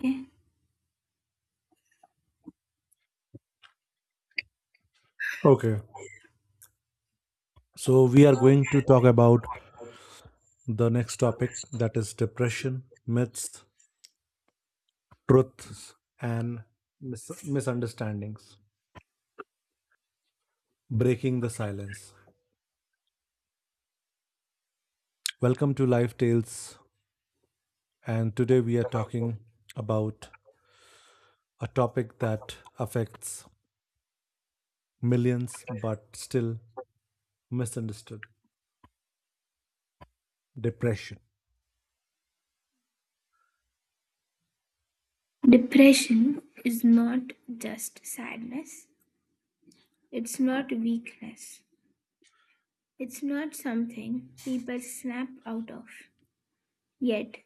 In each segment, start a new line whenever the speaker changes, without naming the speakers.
Okay.
Okay. So we are going to talk about the next topic that is depression, myths, truths, and misunderstandings. Breaking the silence. Welcome to Life Tales. And today we are talking about a topic that affects millions but still misunderstood depression.
Depression is not just sadness, it's not weakness, it's not something people snap out of. Yet,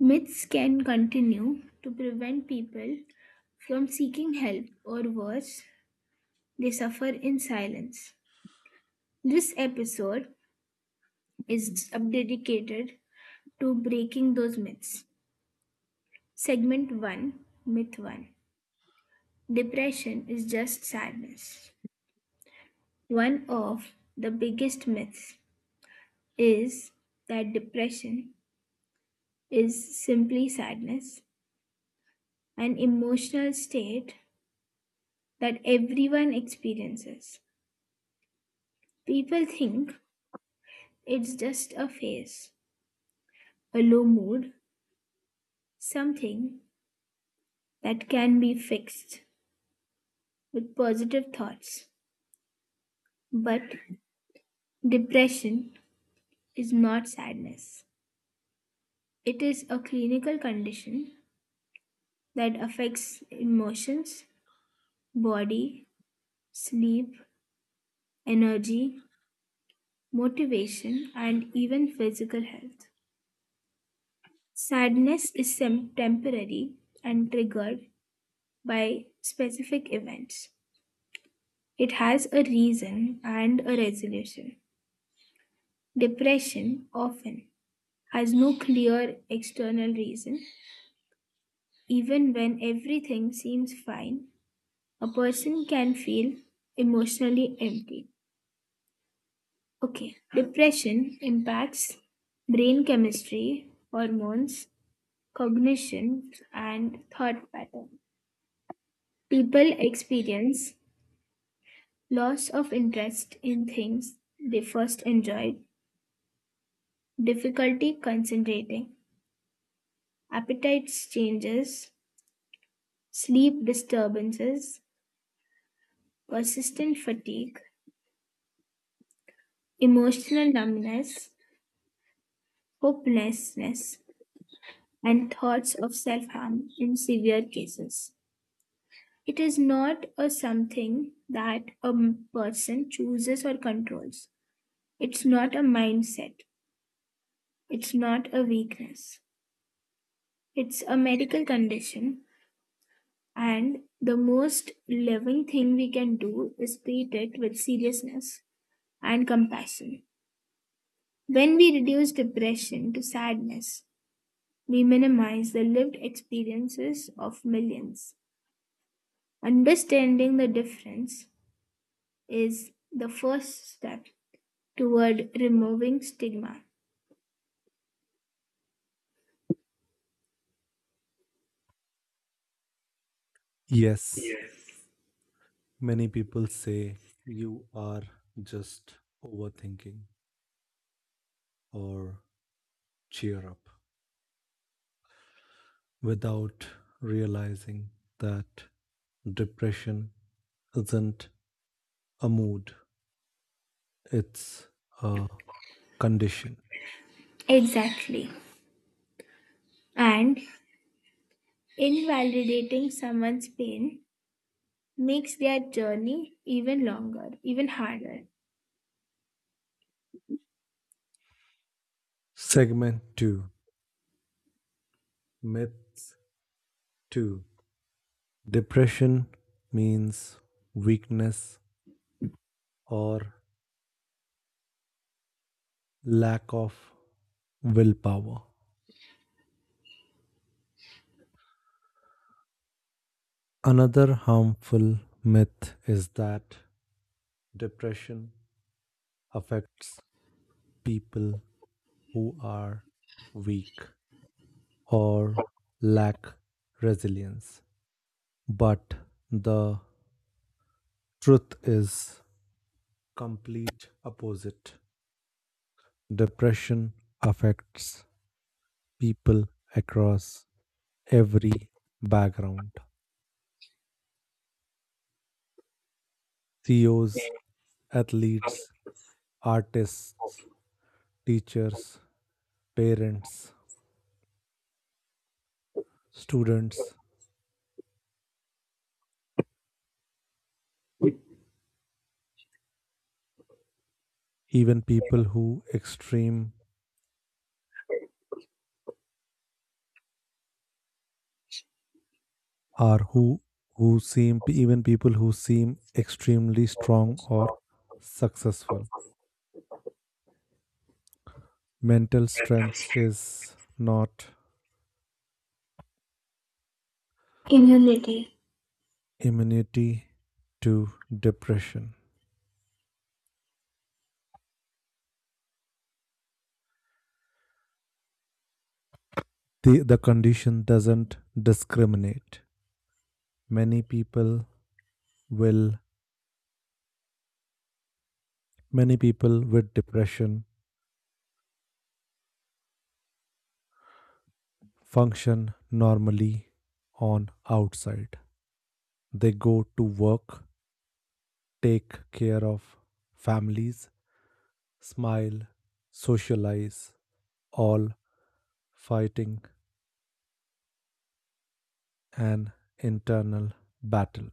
myths can continue to prevent people from seeking help or worse, they suffer in silence. This episode is dedicated to breaking those myths. Segment 1, Myth 1: depression is just sadness. One of the biggest myths is that depression is simply sadness, an emotional state that everyone experiences. People think it's just a phase, a low mood, something that can be fixed with positive thoughts. But depression is not sadness, it is a clinical condition that affects emotions, body, sleep, energy, motivation, and even physical health. Temporary and triggered by specific events. It has a reason and a resolution. Depression often has no clear external reason. Even when everything seems fine, a person can feel emotionally empty. Okay, depression impacts brain chemistry, hormones, cognition, and thought pattern. People experience loss of interest in things they first enjoyed, difficulty concentrating, appetite changes, sleep disturbances, persistent fatigue, emotional numbness, hopelessness, and thoughts of self harm in severe cases. It is not a something that a person chooses or controls. It's not a mindset. It's not a weakness. It's a medical condition. And the most loving thing we can do is treat it with seriousness and compassion. When we reduce depression to sadness, we minimize the lived experiences of millions. Understanding the difference is the first step toward removing stigma.
Yes, many people say you are just overthinking or cheer up without realizing that depression isn't a mood, it's a condition.
Exactly. And invalidating someone's pain makes their journey even longer, even harder.
Segment 2, Myths 2. Depression means weakness or lack of willpower. Another harmful myth is that depression affects people who are weak, or lack resilience. But the truth is complete opposite. Depression affects people across every background. CEOs, athletes, artists, teachers, parents, students, even people who extreme or who even people who seem extremely strong or successful, mental strength is not
Immunity.
immunity to depression. The condition doesn't discriminate. Many people will, Many people with depression function normally on outside. They go to work, take care of families, smile, socialize, all fighting an internal battle.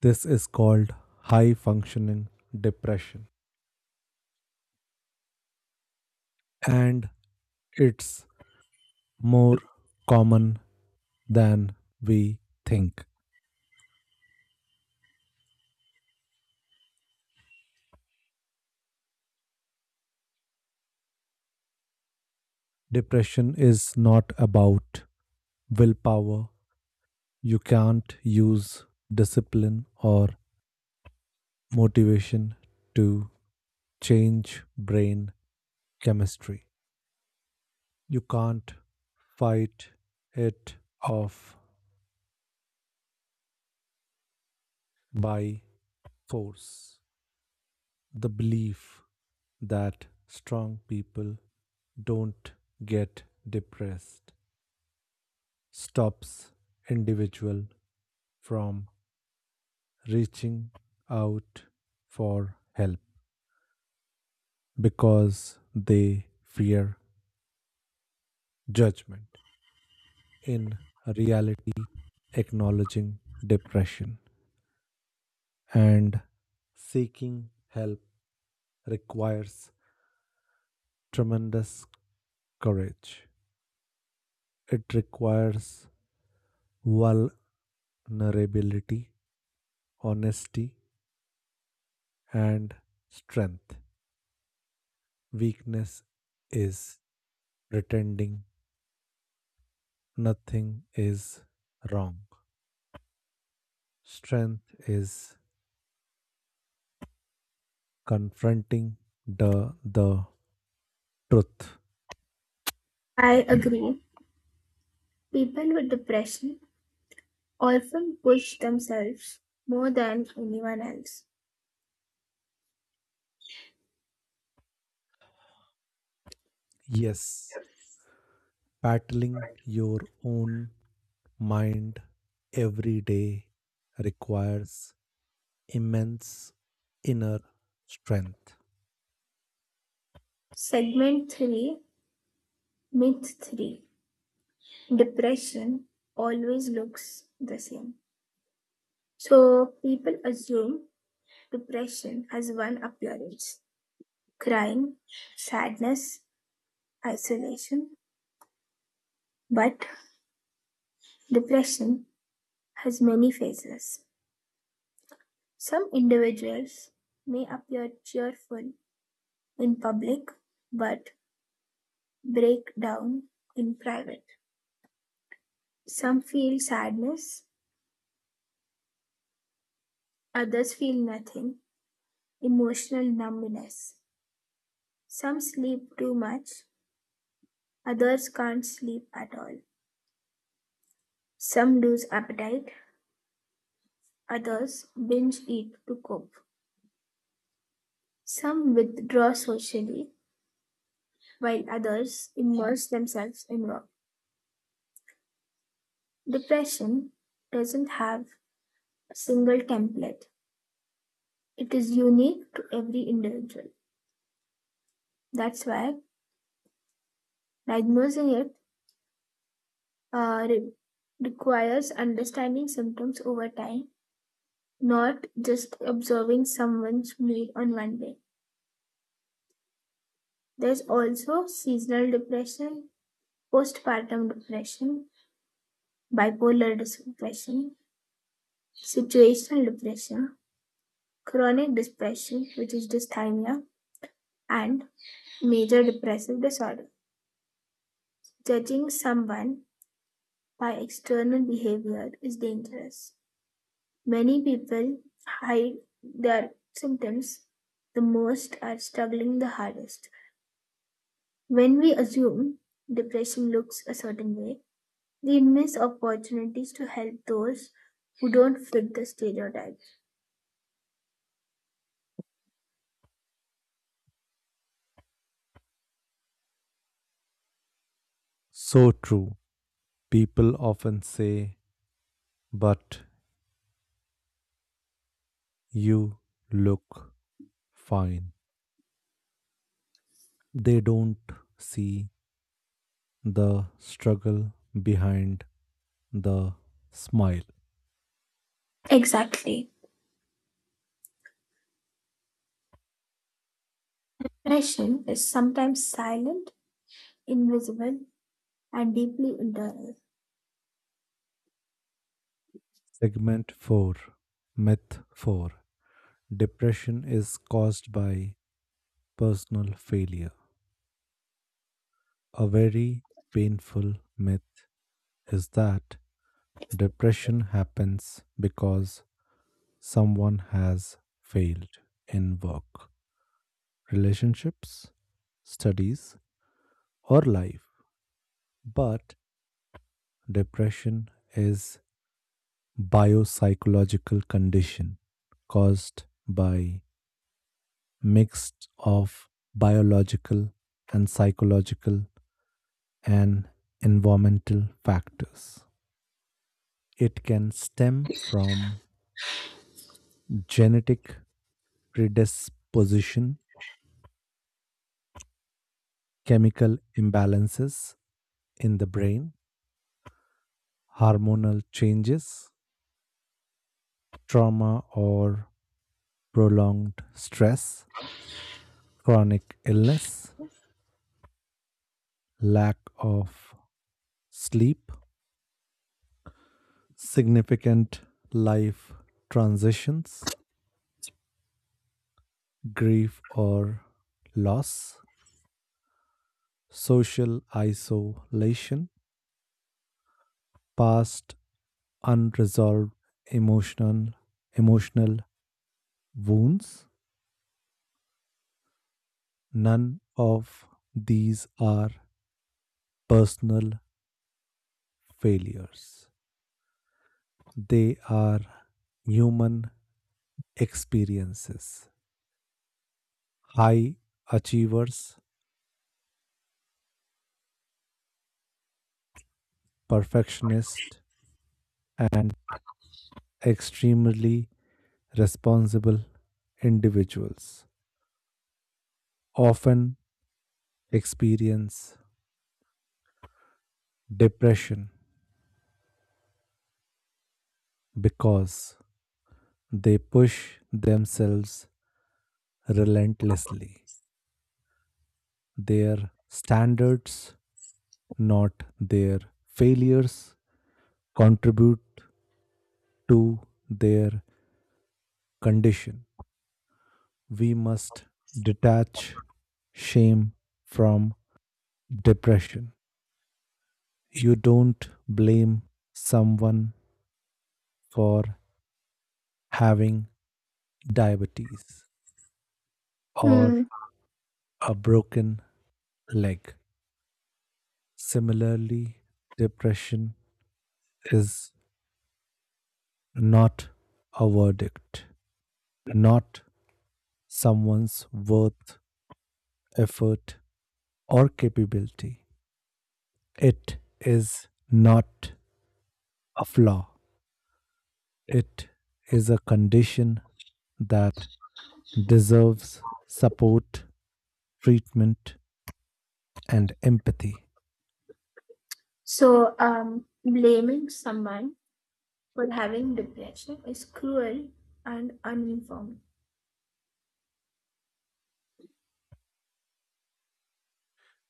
This is called high functioning depression and it's more common than we think. Depression is not about willpower. You can't use discipline or motivation to change brain chemistry. You can't fight it off by force. The belief that strong people don't get depressed stops individual from reaching out for help because they fear judgment. In reality, acknowledging depression and seeking help requires tremendous courage. It requires vulnerability, honesty, and strength. Weakness is pretending nothing is wrong. Strength is confronting the truth.
I agree. People with depression often push themselves more than anyone else.
Yes, battling your own mind every day requires immense inner strength.
Segment 3, Myth 3: depression always looks the same. So people assume depression has one appearance: crime, sadness, isolation, but depression has many faces. Some individuals may appear cheerful in public but break down in private. Some feel sadness, others feel nothing, emotional numbness. Some sleep too much, others can't sleep at all. Some lose appetite, others binge eat to cope. Some withdraw socially, while others immerse themselves in work. Depression doesn't have a single template, it is unique to every individual. That's why diagnosing it uh, re- requires understanding symptoms over time, not just observing someone's mood on one day. There's also seasonal depression, postpartum depression, depression, situational depression, chronic depression, which is dysthymia, and major depressive disorder. Judging someone by external behavior is dangerous. Many people hide their symptoms the most are struggling the hardest. When we assume depression looks a certain way, we miss opportunities to help those who don't fit the stereotypes.
So true. People often say, but you look fine. They don't see the struggle behind the smile.
Exactly. Depression is sometimes silent, invisible, and deeply internal.
Segment 4, Myth 4. Depression is caused by personal failure. A very painful myth is that depression happens because someone has failed in work, relationships, studies, or life. But depression is biopsychological condition caused by mix of biological and psychological and environmental factors. It can stem from genetic predisposition, chemical imbalances in the brain, hormonal changes, trauma or prolonged stress, chronic illness, lack of sleep, significant life transitions, grief or loss, social isolation, past unresolved emotional emotional wounds. None of these are personal failures. They are human experiences. High achievers, perfectionists, and extremely responsible individuals often experience depression because they push themselves relentlessly. Their standards, not their failures, contribute to their condition. We must detach shame from depression. You don't blame someone for having diabetes, or
Hmm.
a broken leg. Similarly, depression is not a verdict, not someone's worth, effort, or capability. It is not a flaw, it is a condition that deserves support, treatment, and empathy.
So, blaming someone for having depression is cruel and uninformed.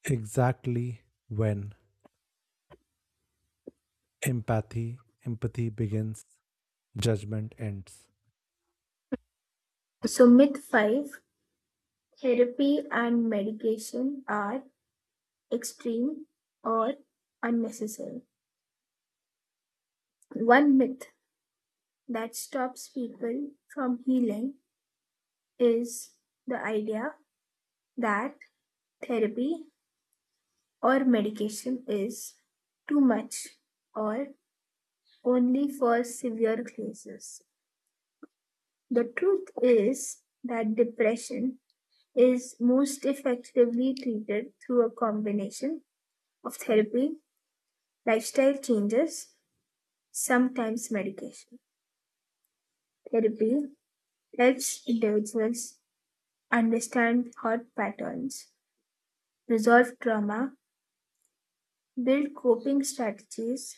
Exactly. when Empathy, Empathy begins, judgment ends.
So, myth five: therapy and medication are extreme or unnecessary. One myth that stops people from healing is the idea that therapy or medication is too much or only for severe cases. The truth is that depression is most effectively treated through a combination of therapy, lifestyle changes, sometimes medication. Therapy helps individuals understand thought patterns, resolve trauma, build coping strategies,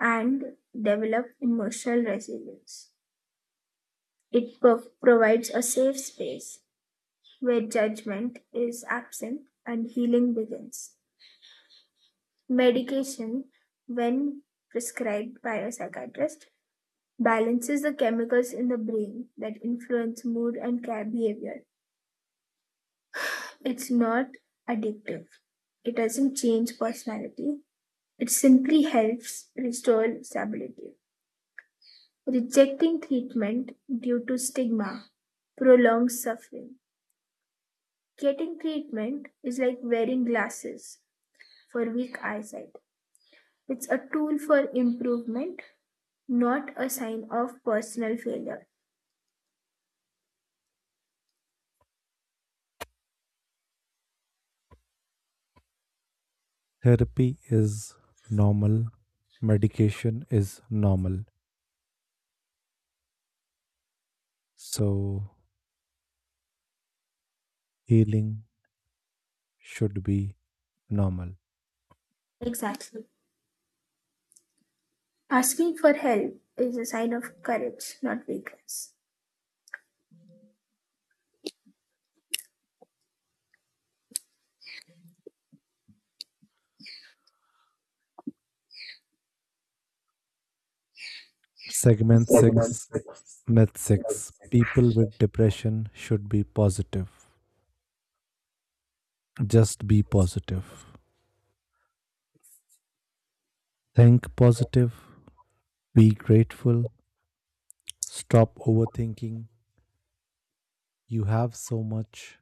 and develop emotional resilience. It provides a safe space where judgment is absent and healing begins. Medication, when prescribed by a psychiatrist, balances the chemicals in the brain that influence mood and care behavior. It's not addictive. It doesn't change personality. It simply helps restore stability. Rejecting treatment due to stigma prolongs suffering. Getting treatment is like wearing glasses for weak eyesight. It's a tool for improvement, not a sign of personal failure.
Therapy is normal, medication is normal. So, healing should be normal.
Exactly. Asking for help is a sign of courage, not weakness.
Segment 6, Myth 6. People with depression should be positive. Just be positive. Think positive, be grateful, stop overthinking. You have so much.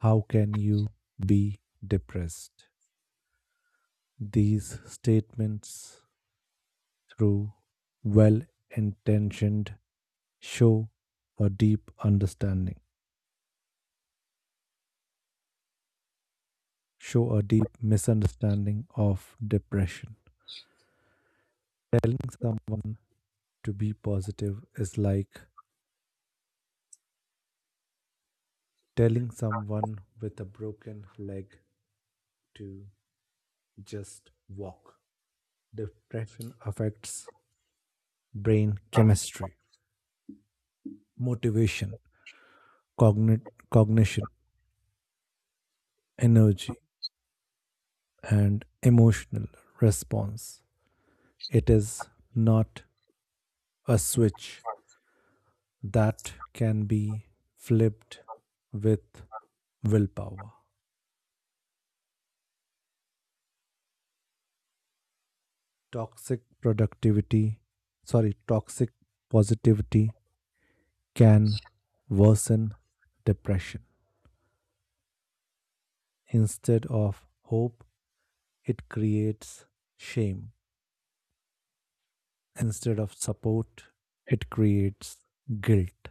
How can you be depressed? These statements, through well intentioned, show a deep understanding, show a deep misunderstanding of depression. Telling someone to be positive is like telling someone with a broken leg to just walk. Depression affects brain chemistry, motivation, cogni- cognition, energy, and emotional response. It is not a switch that can be flipped with willpower. Toxic productivity, toxic positivity can worsen depression. Instead of hope, it creates shame. Instead of support, it creates guilt.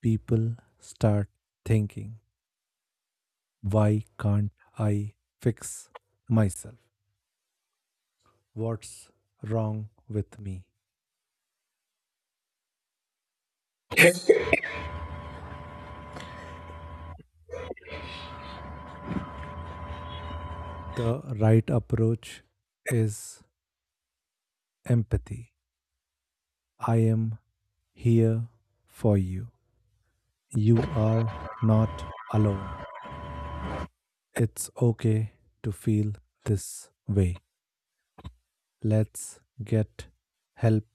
People start thinking, why can't I fix myself? What's wrong with me? The right approach is empathy. I am here for you. You are not alone. It's okay to feel this way. Let's get help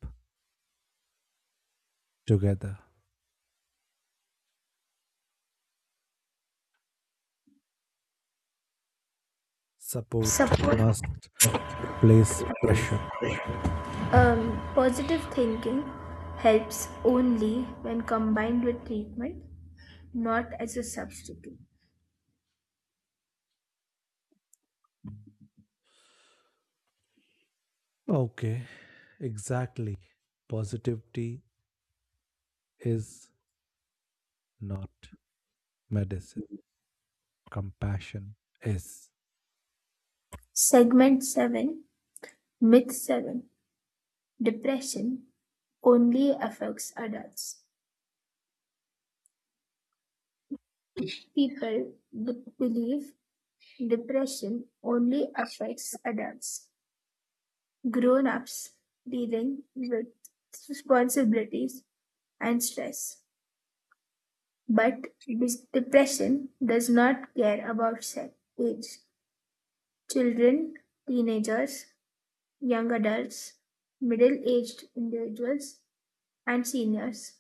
together. Support
Support,
must replace pressure.
um, positive thinking helps only when combined with treatment, not as a substitute.
Okay, exactly. Positivity is not medicine, compassion is.
Segment 7, Myth 7: depression only affects adults. People believe depression only affects adults. Grown ups dealing with responsibilities and stress. But depression does not care about sex, age. Children, teenagers, young adults, middle aged individuals, and seniors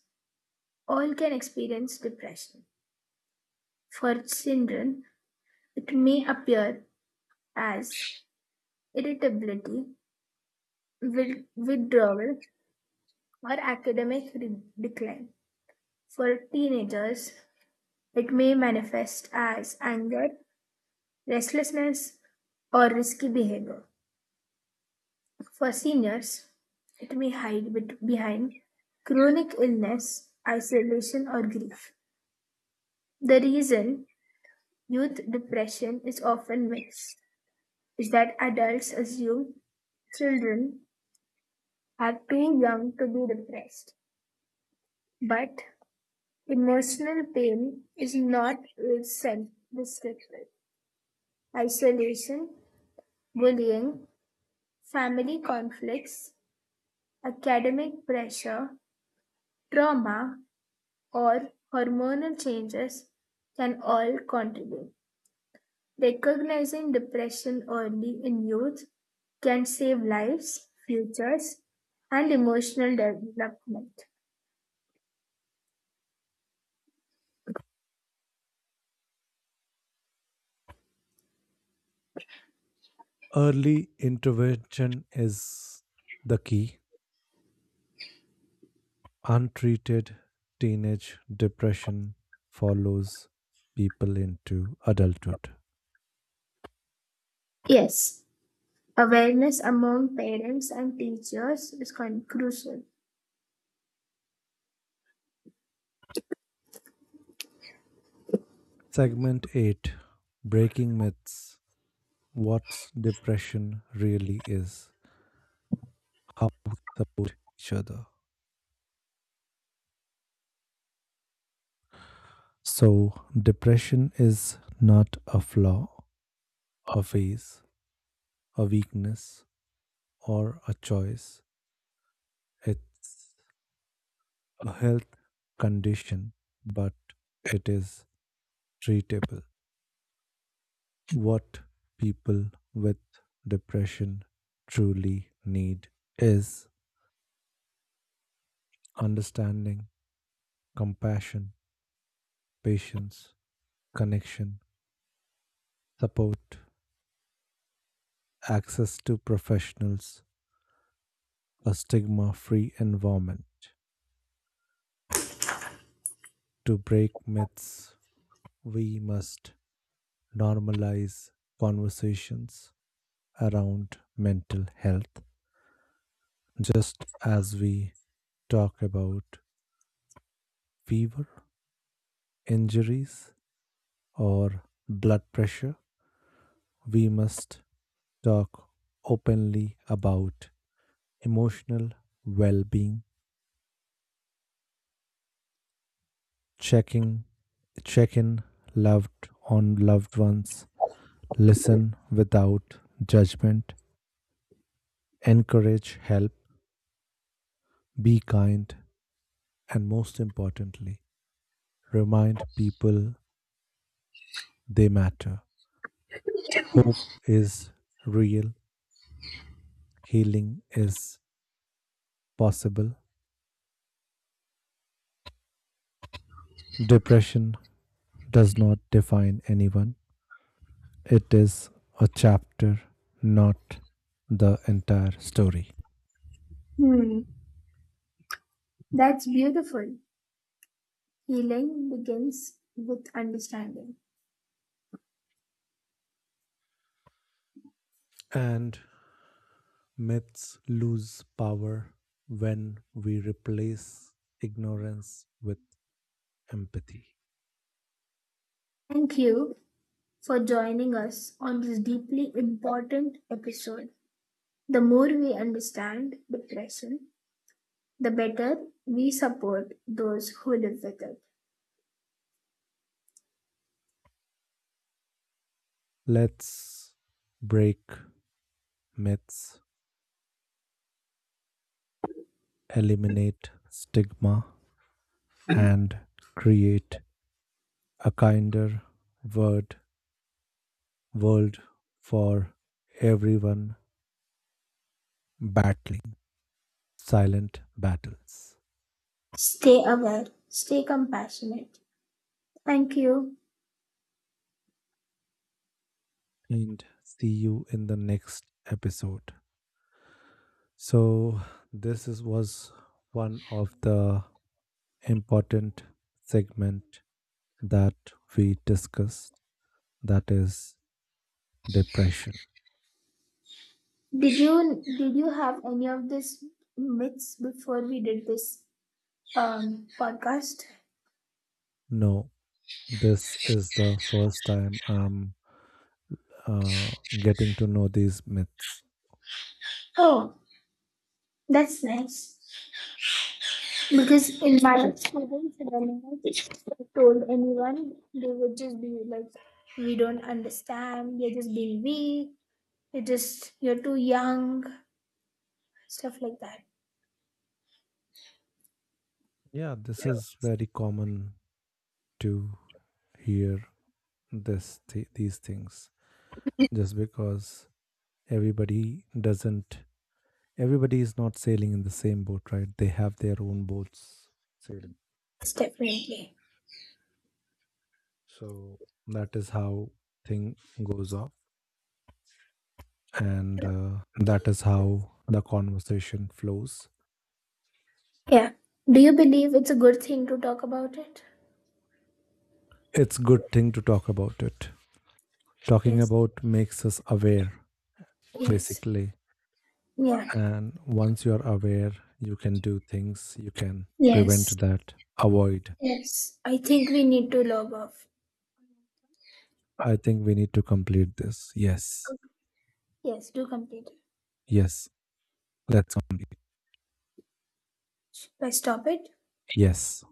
all can experience depression. For children, it may appear as irritability, withdrawal, or academic decline. For teenagers, it may manifest as anger, restlessness, or risky behavior. For seniors, it may hide behind chronic illness, isolation, or grief. The reason youth depression is often missed is that adults assume children are too young to be depressed, but emotional pain is not self descriptive. Isolation, bullying, family conflicts, academic pressure, trauma, or hormonal changes can all contribute. Recognizing depression early in youth can save lives, futures, and emotional development.
Early intervention is the key. Untreated teenage depression follows people into adulthood.
Yes. Awareness among parents and teachers is crucial.
Segment 8. Breaking Myths. What's Depression Really Is? How we Support Each Other. So, depression is not a flaw, a phase, a weakness, or a choice. It's a health condition, but it is treatable. What people with depression truly need is understanding, compassion, patience, connection, support, access to professionals, a stigma free environment. To break myths, we must normalize conversations around mental health just as we talk about fever, injuries, or blood pressure. We must talk openly about emotional well being, checking check in loved on loved ones, listen without judgment, encourage help, be kind, and most importantly, remind people they matter. Hope is real, healing is possible. Depression does not define anyone, it is a chapter, not the entire story.
Hmm, that's beautiful. Healing begins with understanding.
And myths lose power when we replace ignorance with empathy.
Thank you for joining us on this deeply important episode. The more we understand depression, the better we support those who live with it.
Let's break myths, eliminate stigma, and create a kinder word, world for everyone battling. Silent battles.
Stay aware, stay compassionate. Thank you.
And see you in the next episode. So, was one of the important segment that we discussed that is depression.
Did you have any of these myths before we did this podcast?
No, this is the first time I'm uh, getting to know these myths.
Oh, that's nice. Because in my experience, when I told anyone, they would just be like, "We don't understand. You're just being weak. You're too young." Stuff like that.
Yeah, this is very common to hear these things just because everybody doesn't everybody is not sailing in the same boat, right? They have their own boats sailing.
It's definitely.
So that is how thing goes off and that is how the conversation flows.
Yeah. Do you believe it's a good thing to talk about it?
It's good thing to talk about it. Talking
Yes.
about makes us aware
Yes.
basically.
Yeah.
And once you are aware, you can do things, you can prevent
Yes.
that, avoid.
Yes, I think we need to log off.
I think we need to complete this. Yes.
Yes. Do complete it.
Yes, let's.
Do I stop it?
Yes.